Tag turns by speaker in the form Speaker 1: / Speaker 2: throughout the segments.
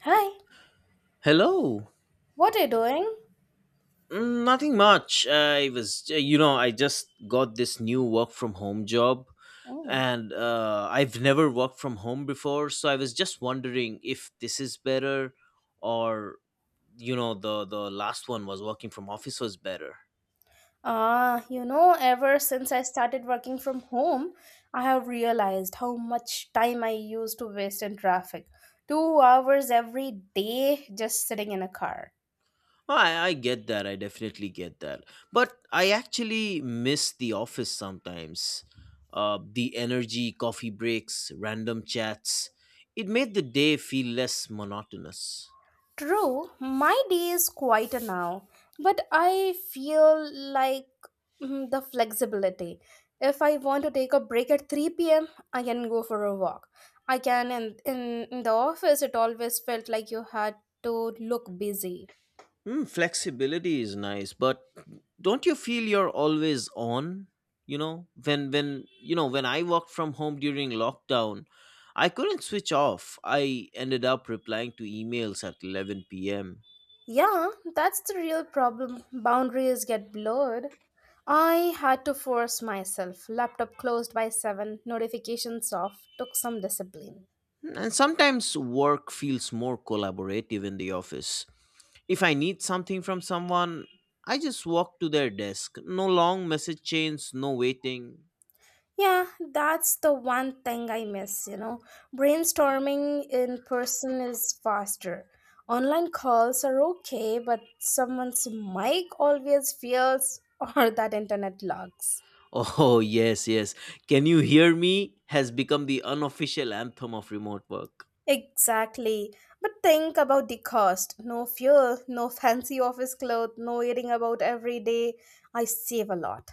Speaker 1: Hi,
Speaker 2: Hello.
Speaker 1: what are you doing?
Speaker 2: Nothing much. I was, I just got this new work from home job
Speaker 1: Oh.
Speaker 2: and I've never worked from home before. So I was just wondering if this is better or the last one was working from office was better.
Speaker 1: Ah, ever since I started working from home, I have realized how much time I used to waste in traffic. 2 hours every day just sitting in a car.
Speaker 2: Oh, I get that. I definitely get that. But I actually miss the office sometimes. The energy, coffee breaks, random chats. It made the day feel less monotonous.
Speaker 1: True, my day is quieter now, but I feel like the flexibility. If I want to take a break at 3 p.m., I can go for a walk. I can, in the office, it always felt like you had to look busy.
Speaker 2: Hmm, flexibility is nice, but don't you feel you're always on? You know, when I worked from home during lockdown, I couldn't switch off. I ended up replying to emails at 11 p.m.
Speaker 1: Yeah, that's the real problem. Boundaries get blurred. I had to force myself. Laptop closed by 7, notifications off, took some discipline.
Speaker 2: And sometimes work feels more collaborative in the office. If I need something from someone, I just walk to their desk. No long message chains, no waiting.
Speaker 1: Yeah, that's the one thing I miss. Brainstorming in person is faster. Online calls are okay, but someone's mic always fails or that internet lags.
Speaker 2: Oh, yes, yes. Can you hear me? Has become the unofficial anthem of remote work.
Speaker 1: Exactly. But think about the cost. No fuel, no fancy office clothes, no worrying about every day. I save a lot.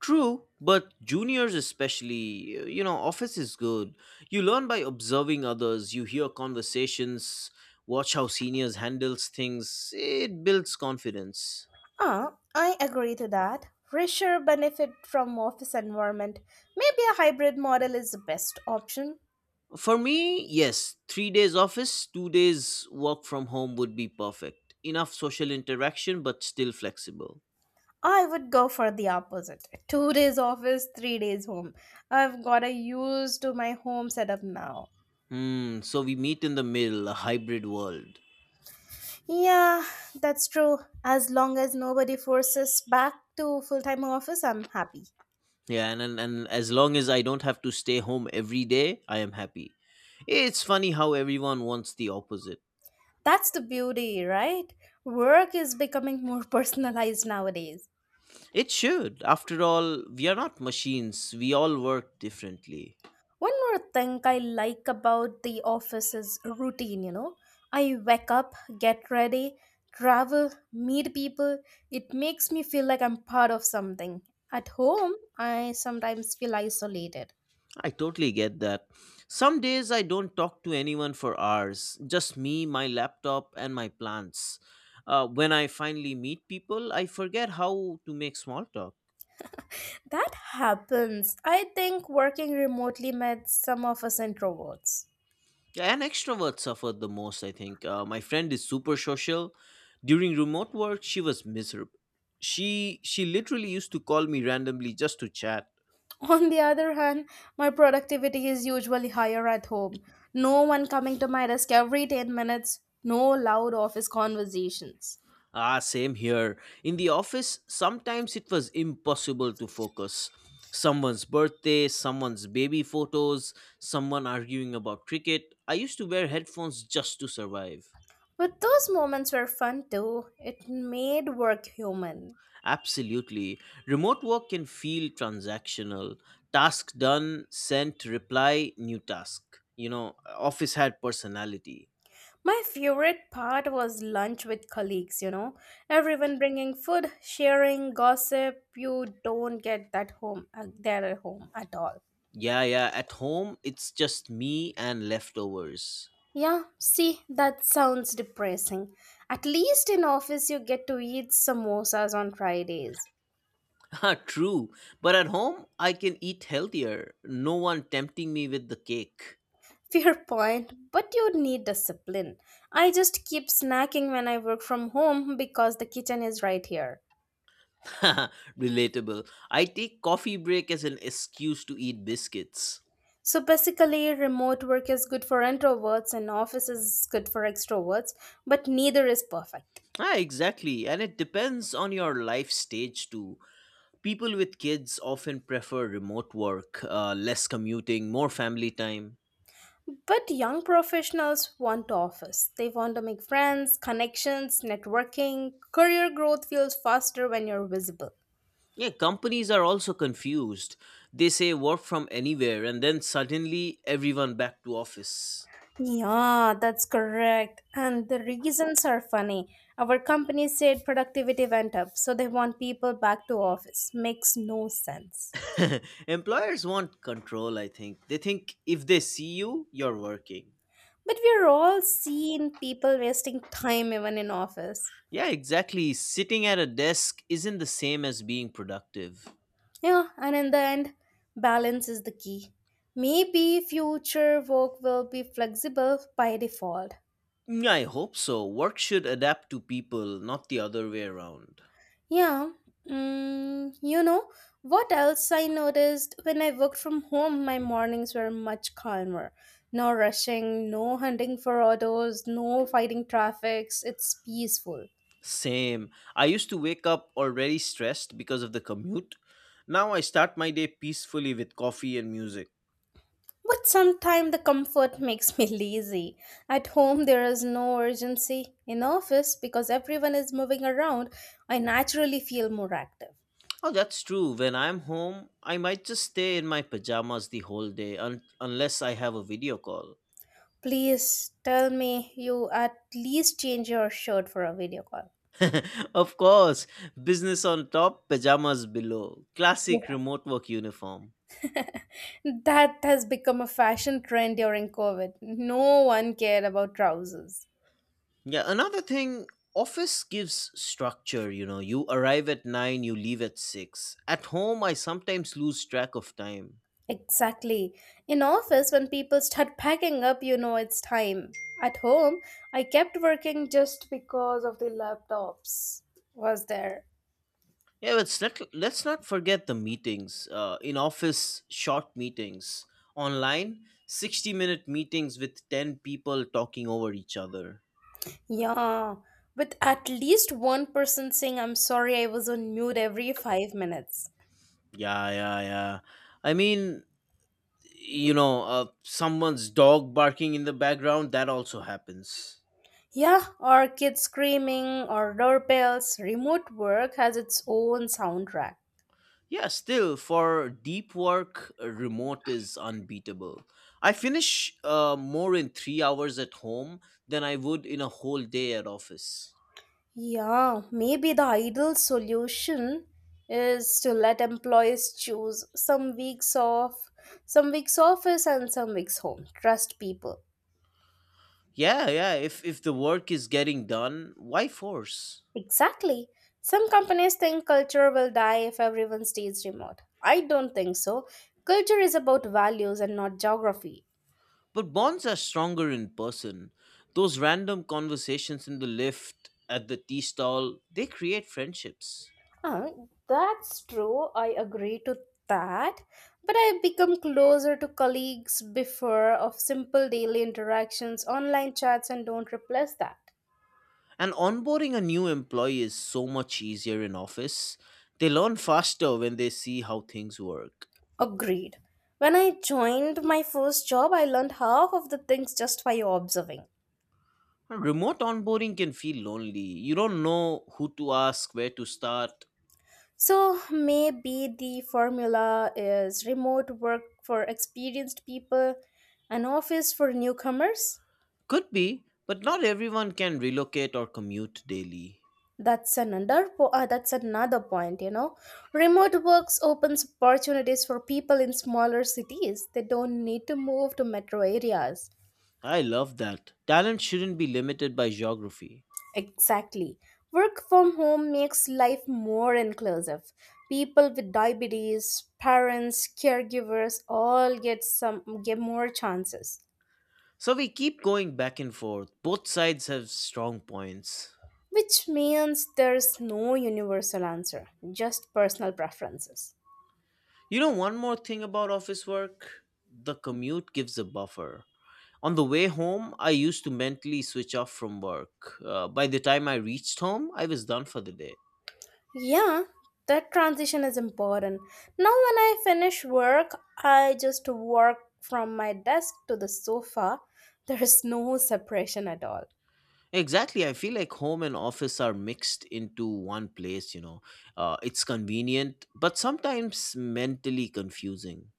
Speaker 2: True, but juniors, especially, office is good. You learn by observing others, you hear conversations, watch how seniors handles things. It builds confidence.
Speaker 1: Ah, I agree to that. Richer benefit from office environment. Maybe a hybrid model is the best option.
Speaker 2: For me, yes, 3 days office, 2 days work from home would be perfect. Enough social interaction, but still flexible.
Speaker 1: I would go for the opposite. 2 days office, 3 days home. I've got a used to my home setup now.
Speaker 2: Hmm, so we meet in the middle, a hybrid world.
Speaker 1: Yeah, that's true. As long as nobody forces back to full time office, I'm happy.
Speaker 2: Yeah, and as long as I don't have to stay home every day, I am happy. It's funny how everyone wants the opposite.
Speaker 1: That's the beauty, right? Work is becoming more personalized nowadays.
Speaker 2: It should. After all, we are not machines. We all work differently.
Speaker 1: One more thing I like about the office is routine. I wake up, get ready, travel, meet people. It makes me feel like I'm part of something. At home, I sometimes feel isolated.
Speaker 2: I totally get that. Some days I don't talk to anyone for hours, just me, my laptop, and my plants. When I finally meet people, I forget how to make small talk.
Speaker 1: That happens. I think working remotely made some of us introverts.
Speaker 2: Yeah, and extroverts suffered the most, I think. My friend is super social. During remote work, she was miserable. She literally used to call me randomly just to chat.
Speaker 1: On the other hand, my productivity is usually higher at home. No one coming to my desk every 10 minutes, no loud office conversations.
Speaker 2: Ah, same here. In the office, sometimes it was impossible to focus. Someone's birthday, someone's baby photos, someone arguing about cricket. I used to wear headphones just to survive.
Speaker 1: But those moments were fun too. It made work human.
Speaker 2: Absolutely. Remote work can feel transactional. Task done, sent, reply, new task. You know, office had personality.
Speaker 1: My favorite part was lunch with colleagues. Everyone bringing food, sharing, gossip. You don't get that home there at home at all.
Speaker 2: Yeah, yeah. At home, it's just me and leftovers.
Speaker 1: Yeah, see, that sounds depressing. At least in office you get to eat samosas on Fridays.
Speaker 2: Ah, true. But at home, I can eat healthier. No one tempting me with the cake.
Speaker 1: Fair point, but you need discipline. I just keep snacking when I work from home because the kitchen is right here.
Speaker 2: Relatable. I take coffee break as an excuse to eat biscuits.
Speaker 1: So basically, remote work is good for introverts and office is good for extroverts, but neither is perfect.
Speaker 2: Ah, exactly. And it depends on your life stage too. People with kids often prefer remote work, less commuting, more family time.
Speaker 1: But young professionals want office. They want to make friends, connections, networking. Career growth feels faster when you're visible.
Speaker 2: Yeah, companies are also confused. They say work from anywhere and then suddenly everyone back to office.
Speaker 1: Yeah, that's correct. And the reasons are funny. Our company said productivity went up, so they want people back to office. Makes no sense.
Speaker 2: Employers want control, I think. They think if they see you, you're working.
Speaker 1: But we're all seeing people wasting time even in office.
Speaker 2: Yeah, exactly. Sitting at a desk isn't the same as being productive.
Speaker 1: Yeah, and in the end, balance is the key. Maybe future work will be flexible by default.
Speaker 2: Yeah, I hope so. Work should adapt to people, not the other way around.
Speaker 1: Yeah, mm, you know, what else I noticed when I worked from home, my mornings were much calmer. No rushing, no hunting for autos, no fighting traffics. It's peaceful.
Speaker 2: Same. I used to wake up already stressed because of the commute. Now I start my day peacefully with coffee and music.
Speaker 1: But sometimes the comfort makes me lazy. At home, there is no urgency. In office, because everyone is moving around, I naturally feel more active.
Speaker 2: Oh, that's true. When I'm home, I might just stay in my pajamas the whole day unless I have a video call.
Speaker 1: Please tell me you at least change your shirt for a video call.
Speaker 2: Of course, business on top, pajamas below. Classic remote work uniform.
Speaker 1: That has become a fashion trend during COVID. No one cared about trousers.
Speaker 2: Yeah, another thing, office gives structure, you know. You arrive at 9, you leave at 6. At home, I sometimes lose track of time.
Speaker 1: Exactly. In office, when people start packing up, you know it's time. At home, I kept working just because of the laptops was there.
Speaker 2: Yeah, let's not forget the meetings. In office, short meetings. Online, 60-minute meetings with 10 people talking over each other.
Speaker 1: Yeah, with at least one person saying, I'm sorry, I was on mute every 5 minutes.
Speaker 2: Yeah, yeah, yeah. I mean, Someone's dog barking in the background, that also happens.
Speaker 1: Yeah, or kids screaming, or doorbells. Remote work has its own soundtrack.
Speaker 2: Yeah, still, for deep work, remote is unbeatable. I finish more in 3 hours at home than I would in a whole day at office.
Speaker 1: Yeah, maybe the ideal solution is to let employees choose some weeks off, some weeks office, and some weeks home. Trust people.
Speaker 2: Yeah, yeah. If the work is getting done, why force?
Speaker 1: Exactly. Some companies think culture will die if everyone stays remote. I don't think so. Culture is about values and not geography.
Speaker 2: But bonds are stronger in person. Those random conversations in the lift, at the tea stall, they create friendships.
Speaker 1: Huh, that's true. I agree to that. But I become closer to colleagues before of simple daily interactions, online chats, and don't replace that.
Speaker 2: And onboarding a new employee is so much easier in office. They learn faster when they see how things work.
Speaker 1: Agreed. When I joined my first job, I learned half of the things just by observing.
Speaker 2: Remote onboarding can feel lonely. You don't know who to ask, where to start.
Speaker 1: So maybe the formula is remote work for experienced people, an office for newcomers.
Speaker 2: Could be, but not everyone can relocate or commute daily.
Speaker 1: That's another point. Remote works opens opportunities for people in smaller cities. They don't need to move to metro areas.
Speaker 2: I love that. Talent shouldn't be limited by geography.
Speaker 1: Exactly. Work from home makes life more inclusive. People with diabetes, parents, caregivers all get more chances.
Speaker 2: So we keep going back and forth. Both sides have strong points.
Speaker 1: Which means there's no universal answer, just personal preferences.
Speaker 2: You know, one more thing about office work, the commute gives a buffer. On the way home, I used to mentally switch off from work. By the time I reached home, I was done for the day.
Speaker 1: Yeah, that transition is important. Now, when I finish work, I just walk from my desk to the sofa. There is no separation at all.
Speaker 2: Exactly, I feel like home and office are mixed into one place, you know. It's convenient, but sometimes mentally confusing.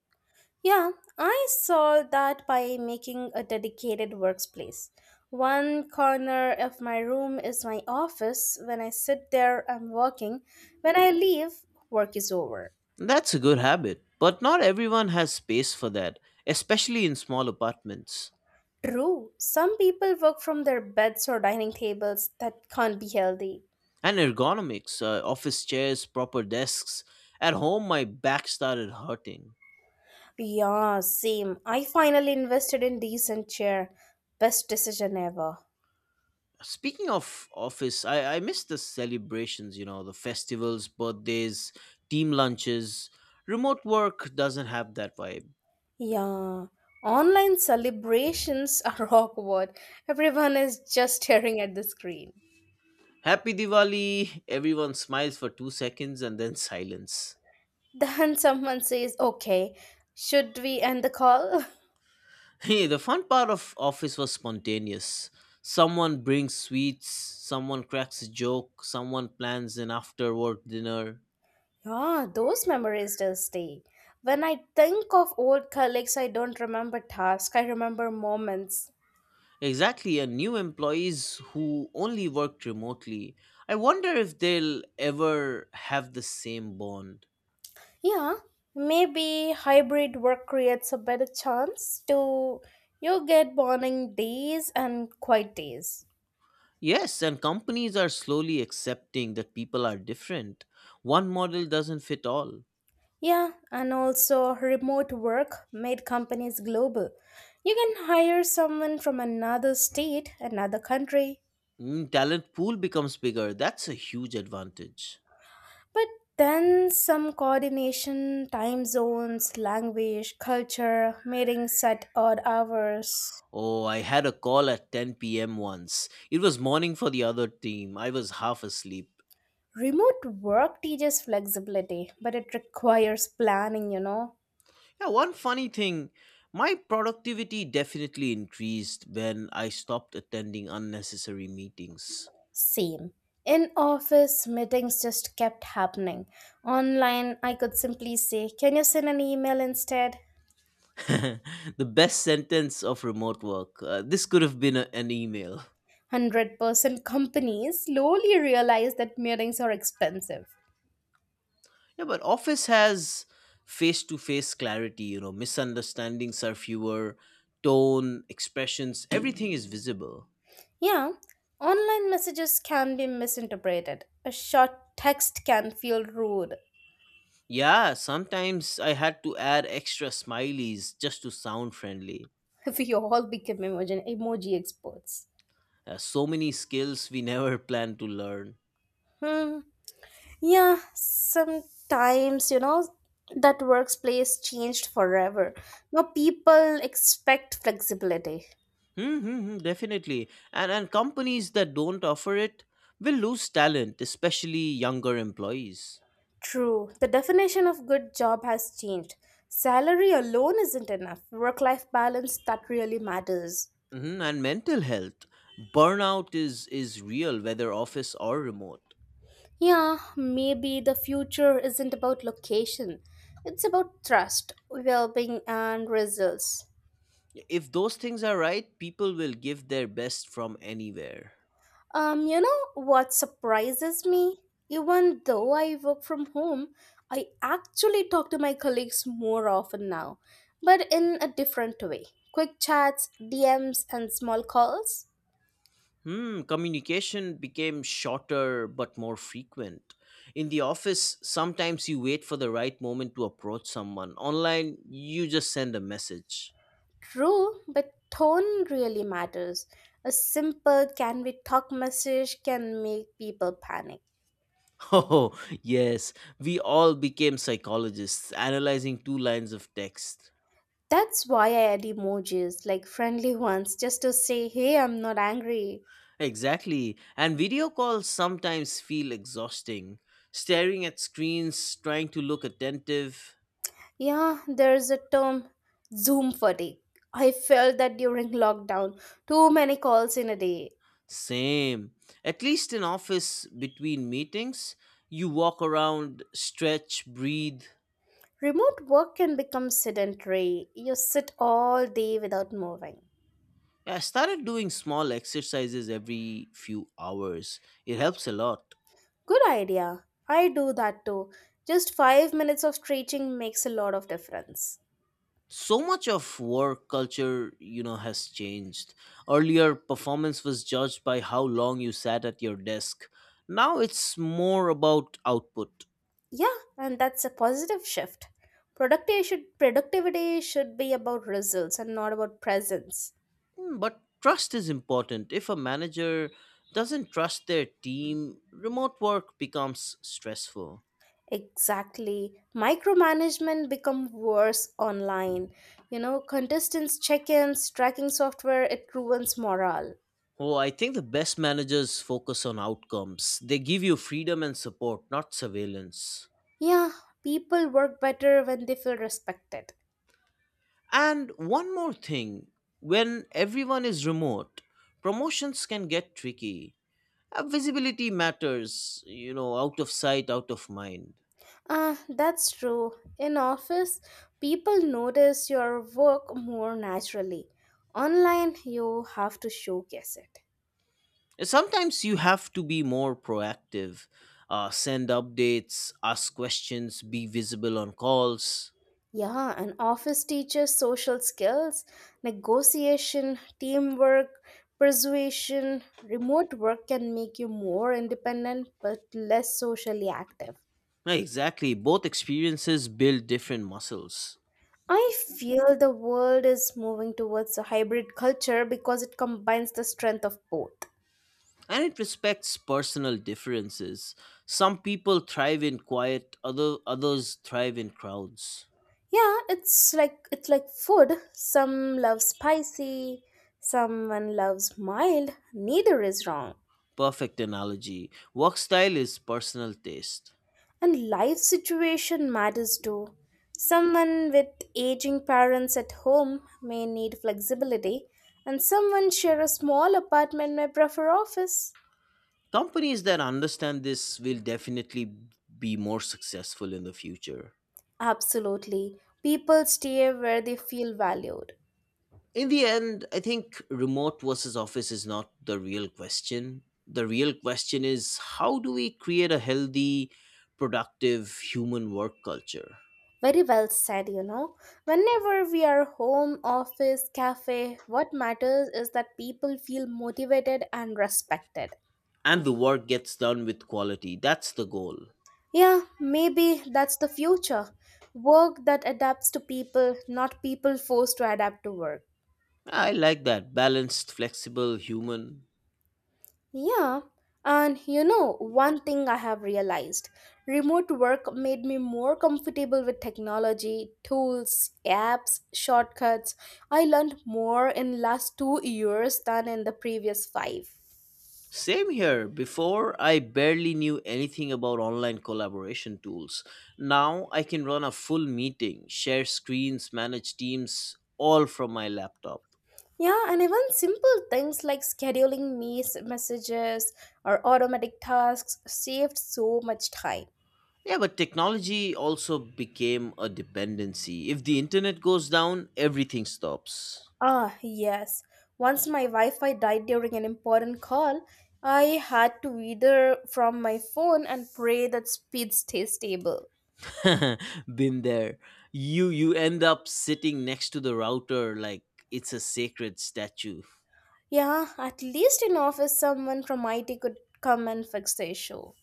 Speaker 1: Yeah, I solved that by making a dedicated workspace. One corner of my room is my office. When I sit there, I'm working. When I leave, work is over.
Speaker 2: That's a good habit, but not everyone has space for that, especially in small apartments.
Speaker 1: True, some people work from their beds or dining tables. That can't be healthy.
Speaker 2: And ergonomics, office chairs, proper desks. At home, my back started hurting.
Speaker 1: Yeah, same. I finally invested in decent chair. Best decision ever.
Speaker 2: Speaking of office, I miss the celebrations, you know, the festivals, birthdays, team lunches. Remote work doesn't have that vibe.
Speaker 1: Yeah. Online celebrations are awkward. Everyone is just staring at the screen.
Speaker 2: Happy Diwali! Everyone smiles for 2 seconds and then silence.
Speaker 1: Then someone says, "Okay, should we end the call?"
Speaker 2: Hey, the fun part of office was spontaneous. Someone brings sweets, someone cracks a joke, someone plans an after work dinner.
Speaker 1: Yeah, those memories still stay. When I think of old colleagues, I don't remember tasks, I remember moments.
Speaker 2: Exactly, and new employees who only worked remotely. I wonder if they'll ever have the same bond.
Speaker 1: Yeah, maybe hybrid work creates a better chance to you get morning days and quiet days.
Speaker 2: Yes, and companies are slowly accepting that people are different. One model doesn't fit all.
Speaker 1: Yeah, and also remote work made companies global. You can hire someone from another state, another country,
Speaker 2: Mm, talent pool becomes bigger. That's a huge advantage.
Speaker 1: but then some coordination, time zones, language, culture, meetings at odd hours.
Speaker 2: Oh, I had a call at 10 p.m. once. It was morning for the other team. I was half asleep.
Speaker 1: Remote work teaches flexibility, but it requires planning.
Speaker 2: Yeah, one funny thing, my productivity definitely increased when I stopped attending unnecessary meetings.
Speaker 1: Same. In office, meetings just kept happening. Online, I could simply say, Can you send an email instead?
Speaker 2: The best sentence of remote work. This could have been an email.
Speaker 1: 100% companies slowly realize that meetings are expensive.
Speaker 2: Yeah, but office has face to face clarity, you know, misunderstandings are fewer, tone, expressions, everything is visible.
Speaker 1: Yeah, online messages can be misinterpreted. A short text can feel rude
Speaker 2: Yeah, sometimes I had to add extra smileys just to sound friendly.
Speaker 1: if we all become emoji experts.
Speaker 2: So many skills we never plan to learn.
Speaker 1: Hmm. Yeah, sometimes, that workplace changed forever. Now people expect flexibility.
Speaker 2: Hmm, hmm, hmm, definitely. And companies that don't offer it will lose talent, especially younger employees.
Speaker 1: True, the definition of good job has changed. Salary alone isn't enough. Work life balance that really matters.
Speaker 2: Hmm. And mental health, burnout is real, whether office or remote.
Speaker 1: Yeah, maybe the future isn't about location. It's about trust, well being, and results.
Speaker 2: If those things are right, people will give their best from anywhere.
Speaker 1: You know what surprises me? Even though I work from home, I actually talk to my colleagues more often now, but in a different way. Quick chats, DMs, and small calls.
Speaker 2: Hmm, communication became shorter but more frequent. In the office, sometimes you wait for the right moment to approach someone. Online, you just send a message.
Speaker 1: True, but tone really matters. A simple can we talk message can make people panic.
Speaker 2: Oh, yes, we all became psychologists analyzing two lines of text.
Speaker 1: That's why I add emojis, like friendly ones, just to say, hey, I'm not angry.
Speaker 2: Exactly, and video calls sometimes feel exhausting. Staring at screens, trying to look attentive.
Speaker 1: Yeah, there's a term, Zoom fatigue. I felt that during lockdown. Too many calls in a day.
Speaker 2: Same. At least in office between meetings, you walk around, stretch, breathe.
Speaker 1: Remote work can become sedentary. You sit all day without moving.
Speaker 2: Yeah, I started doing small exercises every few hours. It helps a lot.
Speaker 1: Good idea. I do that too. Just 5 minutes of stretching makes a lot of difference.
Speaker 2: So much of work culture, you know, has changed. Earlier, performance was judged by how long you sat at your desk. Now it's more about output.
Speaker 1: Yeah, and that's a positive shift. Productivity should be about results and not about presence.
Speaker 2: Mm, but trust is important. If a manager doesn't trust their team, remote work becomes stressful.
Speaker 1: Exactly. Micromanagement become worse online. Contestants check-ins, tracking software, it ruins morale.
Speaker 2: Oh, I think the best managers focus on outcomes. They give you freedom and support, not surveillance.
Speaker 1: Yeah, people work better when they feel respected.
Speaker 2: And one more thing, when everyone is remote, promotions can get tricky. Visibility matters, you know, out of sight, out of mind.
Speaker 1: Ah, that's true. In office, people notice your work more naturally. Online, you have to showcase it.
Speaker 2: Sometimes you have to be more proactive, send updates, ask questions, be visible on calls.
Speaker 1: Yeah, and office teaches social skills, negotiation, teamwork, persuasion. Remote work can make you more independent but less socially active.
Speaker 2: Yeah, exactly. Both experiences build different muscles.
Speaker 1: I feel the world is moving towards a hybrid culture because it combines the strength of both.
Speaker 2: And it respects personal differences. Some people thrive in quiet, others thrive in crowds.
Speaker 1: Yeah, it's like food. Some love spicy, someone loves mild, neither is wrong.
Speaker 2: Perfect analogy. Work style is personal taste.
Speaker 1: And life situation matters too. Someone with aging parents at home may need flexibility, and someone share a small apartment may prefer office.
Speaker 2: Companies that understand this will definitely be more successful in the future.
Speaker 1: Absolutely. People stay where they feel valued.
Speaker 2: In the end, I think remote versus office is not the real question. The real question is, how do we create a healthy, productive human work culture?
Speaker 1: Very well said. Whenever we are home, office, cafe, what matters is that people feel motivated and respected.
Speaker 2: And the work gets done with quality. That's the goal.
Speaker 1: Yeah, maybe that's the future. Work that adapts to people, not people forced to adapt to work.
Speaker 2: I like that. Balanced, flexible, human.
Speaker 1: Yeah, and one thing I have realized remote work made me more comfortable with technology, tools, apps, shortcuts. I learned more in last 2 years than in the previous 5.
Speaker 2: Same here. Before, I barely knew anything about online collaboration tools. Now, I can run a full meeting, share screens, manage teams, all from my laptop.
Speaker 1: Yeah, and even simple things like scheduling messages or automatic tasks saved so much time.
Speaker 2: Yeah, but technology also became a dependency. If the internet goes down, everything stops.
Speaker 1: Ah, yes. Once my Wi Fi died during an important call, I had to wither from my phone and pray that speed stays stable.
Speaker 2: Been there. You end up sitting next to the router like it's a sacred statue.
Speaker 1: Yeah, at least in office, someone from IT could come and fix the issue.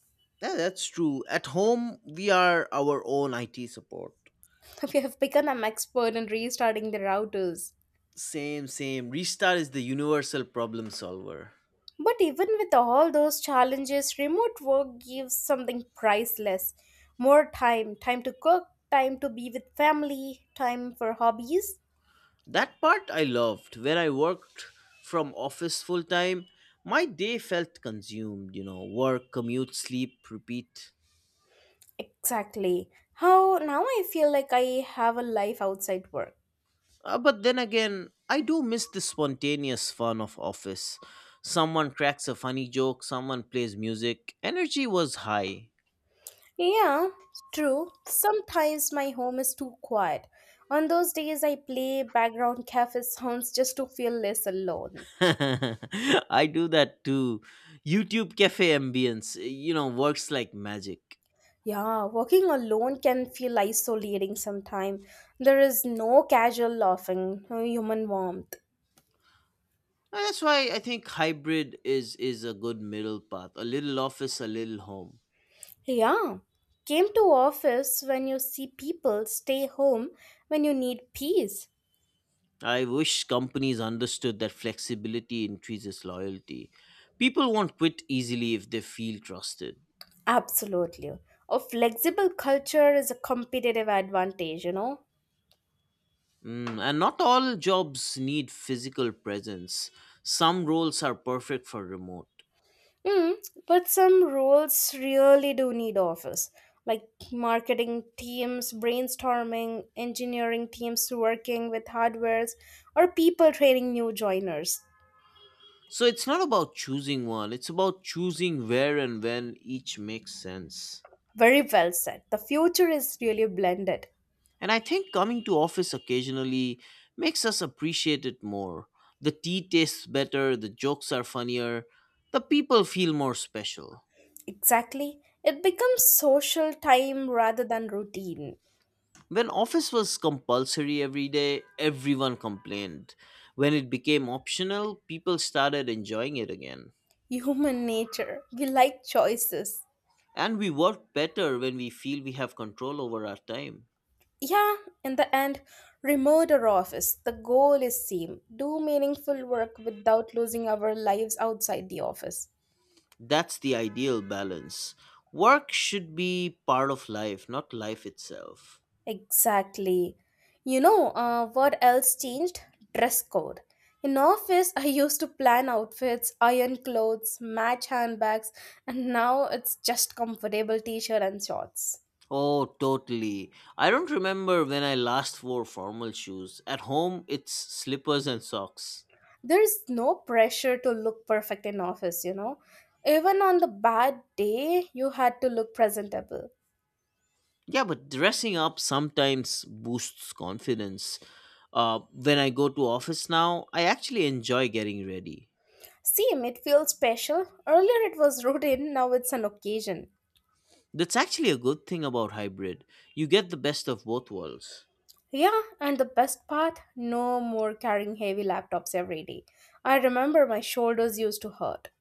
Speaker 2: Yeah, that's true. At home, we are our own IT support.
Speaker 1: We have become an expert in restarting the routers.
Speaker 2: Same, same. Restart is the universal problem solver.
Speaker 1: But even with all those challenges, remote work gives something priceless. More time, time to cook, time to be with family, time for hobbies,
Speaker 2: That part I loved. When I worked from office full time, my day felt consumed, you know, work, commute, sleep, repeat.
Speaker 1: Exactly. How now I feel like I have a life outside work.
Speaker 2: But then again, I do miss the spontaneous fun of office. Someone cracks a funny joke, someone plays music. Energy was high.
Speaker 1: Yeah, true. Sometimes my home is too quiet. On those days, I play background cafe sounds just to feel less alone.
Speaker 2: I do that too. YouTube cafe ambience, works like magic.
Speaker 1: Yeah, working alone can feel isolating sometimes. There is no casual laughing, no human warmth.
Speaker 2: And that's why I think hybrid is a good middle path. A little office, a little home.
Speaker 1: Yeah, came to office when you see people, stay home when you need peace.
Speaker 2: I wish companies understood that flexibility increases loyalty. People won't quit easily if they feel trusted.
Speaker 1: Absolutely. A flexible culture is a competitive advantage.
Speaker 2: Mm, and not all jobs need physical presence. Some roles are perfect for remote.
Speaker 1: Mm, but some roles really do need office, like marketing teams brainstorming, engineering teams working with hardwares, or people training new joiners.
Speaker 2: So it's not about choosing one, it's about choosing where and when each makes sense.
Speaker 1: Very well said. The future is really blended.
Speaker 2: And I think coming to office occasionally makes us appreciate it more. The tea tastes better, the jokes are funnier, the people feel more special.
Speaker 1: Exactly. It becomes social time rather than routine.
Speaker 2: When office was compulsory every day, everyone complained. When it became optional, people started enjoying it again.
Speaker 1: Human nature. We like choices.
Speaker 2: And we work better when we feel we have control over our time.
Speaker 1: Yeah, in the end, remote or office, the goal is same. Do meaningful work without losing our lives outside the office.
Speaker 2: That's the ideal balance. Work should be part of life, not life itself.
Speaker 1: Exactly. What else changed? Dress code. In office, I used to plan outfits, iron clothes, match handbags, and now it's just comfortable t-shirt and shorts.
Speaker 2: Oh, totally. I don't remember when I last wore formal shoes. At home, it's slippers and socks.
Speaker 1: There's no pressure to look perfect in office, you know. Even on the bad day, you had to look presentable.
Speaker 2: Yeah, but dressing up sometimes boosts confidence. When I go to office now, I actually enjoy getting ready.
Speaker 1: Same, it feels special. Earlier it was routine, now it's an occasion.
Speaker 2: That's actually a good thing about hybrid. You get the best of both worlds.
Speaker 1: Yeah, and the best part no more carrying heavy laptops every day. I remember my shoulders used to hurt.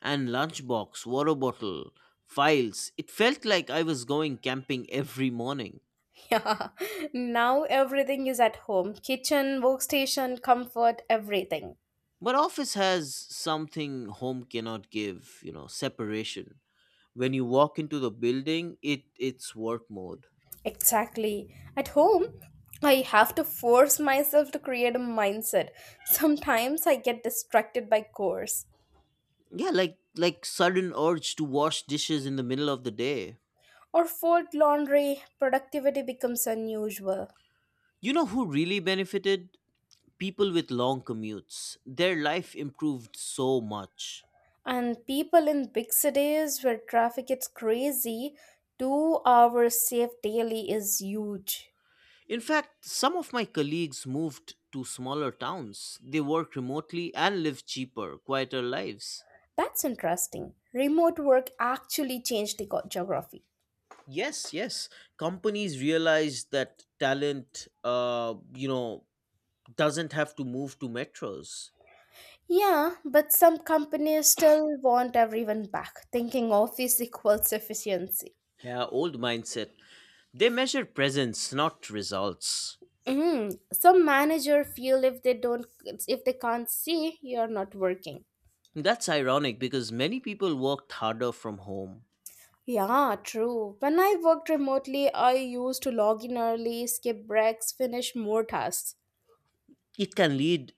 Speaker 2: And lunchbox, water bottle, files. It felt like I was going camping every morning.
Speaker 1: Yeah, now everything is at home kitchen, workstation, comfort, everything.
Speaker 2: But office has something home cannot give, you know, separation. When you walk into the building, it's work mode.
Speaker 1: Exactly. At home, I have to force myself to create a mindset. Sometimes I get distracted by chores
Speaker 2: Yeah, like sudden urge to wash dishes in the middle of the day.
Speaker 1: or fold laundry, productivity becomes unusual.
Speaker 2: You know who really benefited? People with long commutes. Their life improved so much.
Speaker 1: And people in big cities where traffic gets crazy, 2 hours saved daily is huge.
Speaker 2: In fact, some of my colleagues moved to smaller towns. They work remotely and live cheaper, quieter lives.
Speaker 1: That's interesting. Remote work actually changed the geography.
Speaker 2: Yes, yes. Companies realize that talent, you know, doesn't have to move to metros.
Speaker 1: Yeah, but some companies still want everyone back, thinking office equals efficiency.
Speaker 2: Yeah, old mindset. They measure presence, not results.
Speaker 1: Mm, some manager feel if they can't see, you're not working.
Speaker 2: That's ironic because many people worked harder from home.
Speaker 1: Yeah, true. When I worked remotely, I used to log in early, skip breaks, finish more tasks.
Speaker 2: It can lead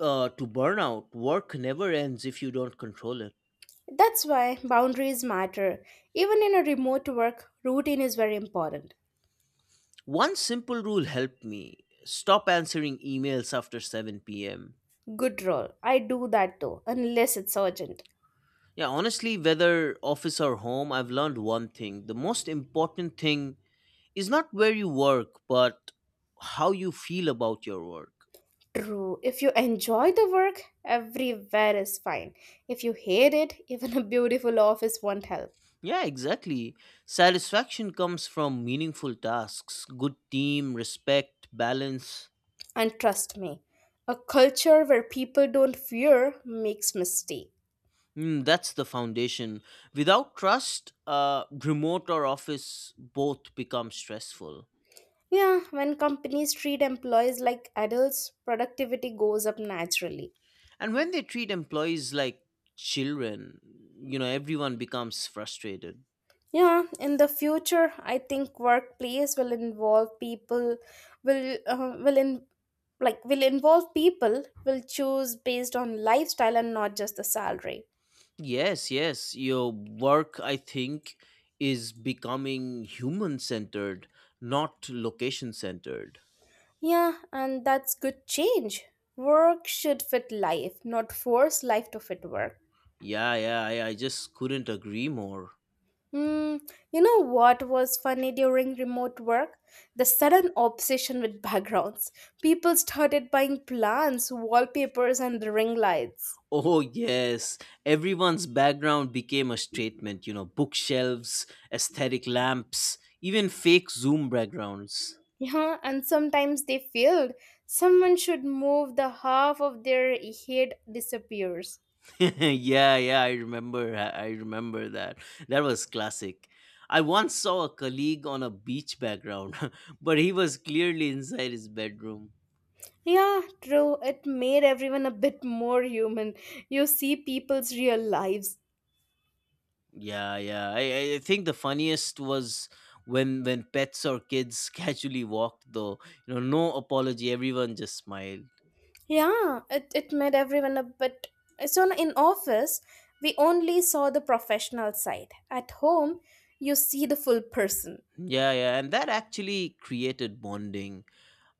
Speaker 2: to burnout. Work never ends if you don't control it.
Speaker 1: That's why boundaries matter. Even in a remote work, routine is very important.
Speaker 2: One simple rule helped me stop answering emails after 7 p.m.
Speaker 1: Good role. I do that too, unless it's urgent.
Speaker 2: Yeah, honestly, whether office or home, I've learned one thing. The most important thing is not where you work, but how you feel about your work.
Speaker 1: True. If you enjoy the work, everywhere is fine. If you hate it, even a beautiful office won't help.
Speaker 2: Yeah, exactly. Satisfaction comes from meaningful tasks, good team, respect, balance.
Speaker 1: And trust me, a culture where people don't fear makes mistake.
Speaker 2: Mm, that's the foundation. Without trust, remote or office both become stressful.
Speaker 1: Yeah, when companies treat employees like adults, productivity goes up naturally.
Speaker 2: And when they treat employees like children, you know, everyone becomes frustrated.
Speaker 1: Yeah, in the future, I think workplace will involve people will in like will involve people will choose based on lifestyle and not just the salary.
Speaker 2: Yes, yes, your work, I think, is becoming human centered, not location centered.
Speaker 1: Yeah, and that's good change. Work should fit life, not force life to fit work.
Speaker 2: Yeah, yeah, I just couldn't agree more.
Speaker 1: Hmm, you know what was funny during remote work? The sudden obsession with backgrounds. People started buying plants, wallpapers, and ring lights.
Speaker 2: Oh, yes. Everyone's background became a statement, you know, bookshelves, aesthetic lamps, even fake Zoom backgrounds.
Speaker 1: Yeah, and sometimes they failed. Someone should move the half of their head disappears.
Speaker 2: Yeah, yeah, I remember. I remember that. That was classic. I once saw a colleague on a beach background, but he was clearly inside his bedroom.
Speaker 1: Yeah, true. It made everyone a bit more human. You see people's real lives.
Speaker 2: Yeah, yeah. I think the funniest was when pets or kids casually walked, though. You know, no apology. Everyone just smiled.
Speaker 1: Yeah, it made everyone a bit. So in office, we only saw the professional side. At home, you see the full person.
Speaker 2: Yeah, yeah. And that actually created bonding.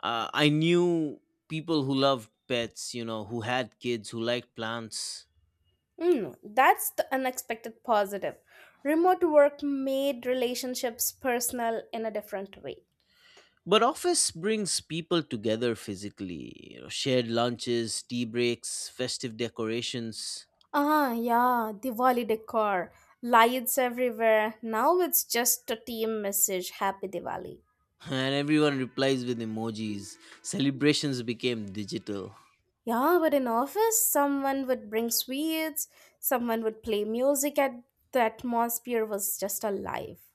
Speaker 2: I knew people who loved pets. You know, who had kids, who liked plants.
Speaker 1: Mm, that's the unexpected positive. Remote work made relationships personal in a different way.
Speaker 2: But office brings people together physically. You know, shared lunches, tea breaks, festive decorations,
Speaker 1: Ah, yeah, Diwali decor, lights everywhere. Now it's just a team message, Happy Diwali.
Speaker 2: and everyone replies with emojis. Celebrations became digital.
Speaker 1: Yeah, but in office, someone would bring sweets, someone would play music, and the atmosphere was just alive.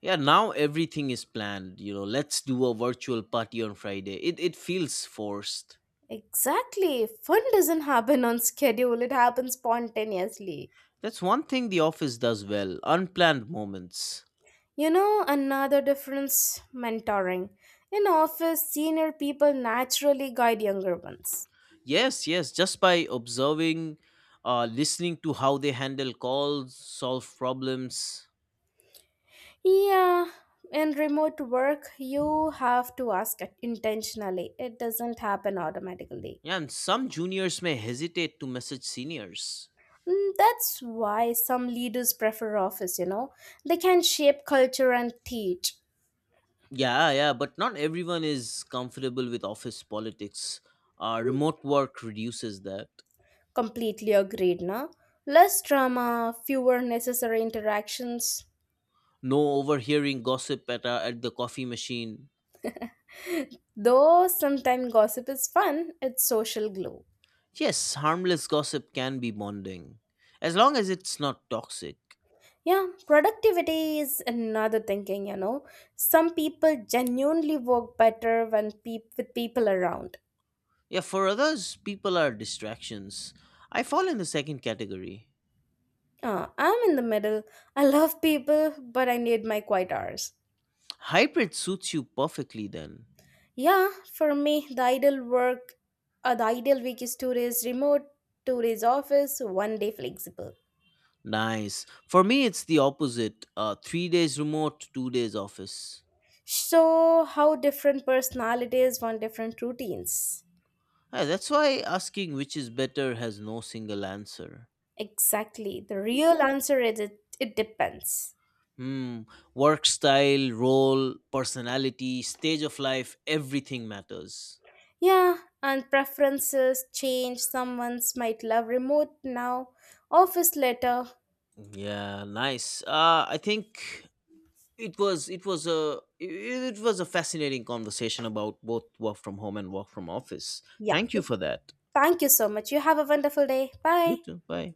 Speaker 2: Yeah, now everything is planned. You know, let's do a virtual party on Friday. It feels forced.
Speaker 1: Exactly, fun doesn't happen on schedule, it happens spontaneously.
Speaker 2: That's one thing the office does well. Unplanned moments.
Speaker 1: You know, another difference mentoring. In office, senior people naturally guide younger ones.
Speaker 2: Yes, yes, just by observing, listening to how they handle calls, solve problems.
Speaker 1: Yeah, in remote work, you have to ask it intentionally. It doesn't happen automatically.
Speaker 2: Yeah, and some juniors may hesitate to message seniors.
Speaker 1: Mm, that's why some leaders prefer office, you know. They can shape culture and teach.
Speaker 2: Yeah, yeah, but not everyone is comfortable with office politics. Uh,
Speaker 1: Mm,
Speaker 2: remote work reduces that.
Speaker 1: completely agreed, no? Less drama, fewer necessary interactions.
Speaker 2: No overhearing gossip at the coffee machine.
Speaker 1: Though sometimes gossip is fun, it's social glue.
Speaker 2: Yes, harmless gossip can be bonding, as long as it's not toxic.
Speaker 1: Yeah, productivity is another thinking, you know. Some people genuinely work better when peop with people around.
Speaker 2: Yeah, for others, people are distractions. I fall in the second category.
Speaker 1: I'm in the middle. I love people, but I need my quiet hours.
Speaker 2: Hybrid suits you perfectly then.
Speaker 1: Yeah, for me, the ideal week is 2 days remote, 2 days office, one day flexible.
Speaker 2: Nice. For me, it's the opposite. Three days remote, 2 days office.
Speaker 1: So, how different personalities want different routines?
Speaker 2: Yeah, that's why asking which is better has no single answer.
Speaker 1: Exactly. The real answer is it depends.
Speaker 2: Hmm. Work style, role, personality, stage of life, everything matters.
Speaker 1: Yeah, and preferences change. Someone's might love remote now, office later.
Speaker 2: Yeah, nice. I think it was a it it was a fascinating conversation about both work from home and work from office.
Speaker 1: Yeah.
Speaker 2: Thank you for that.
Speaker 1: Thank you so much. You have a wonderful day.
Speaker 2: You
Speaker 1: Bye.
Speaker 2: too. Bye.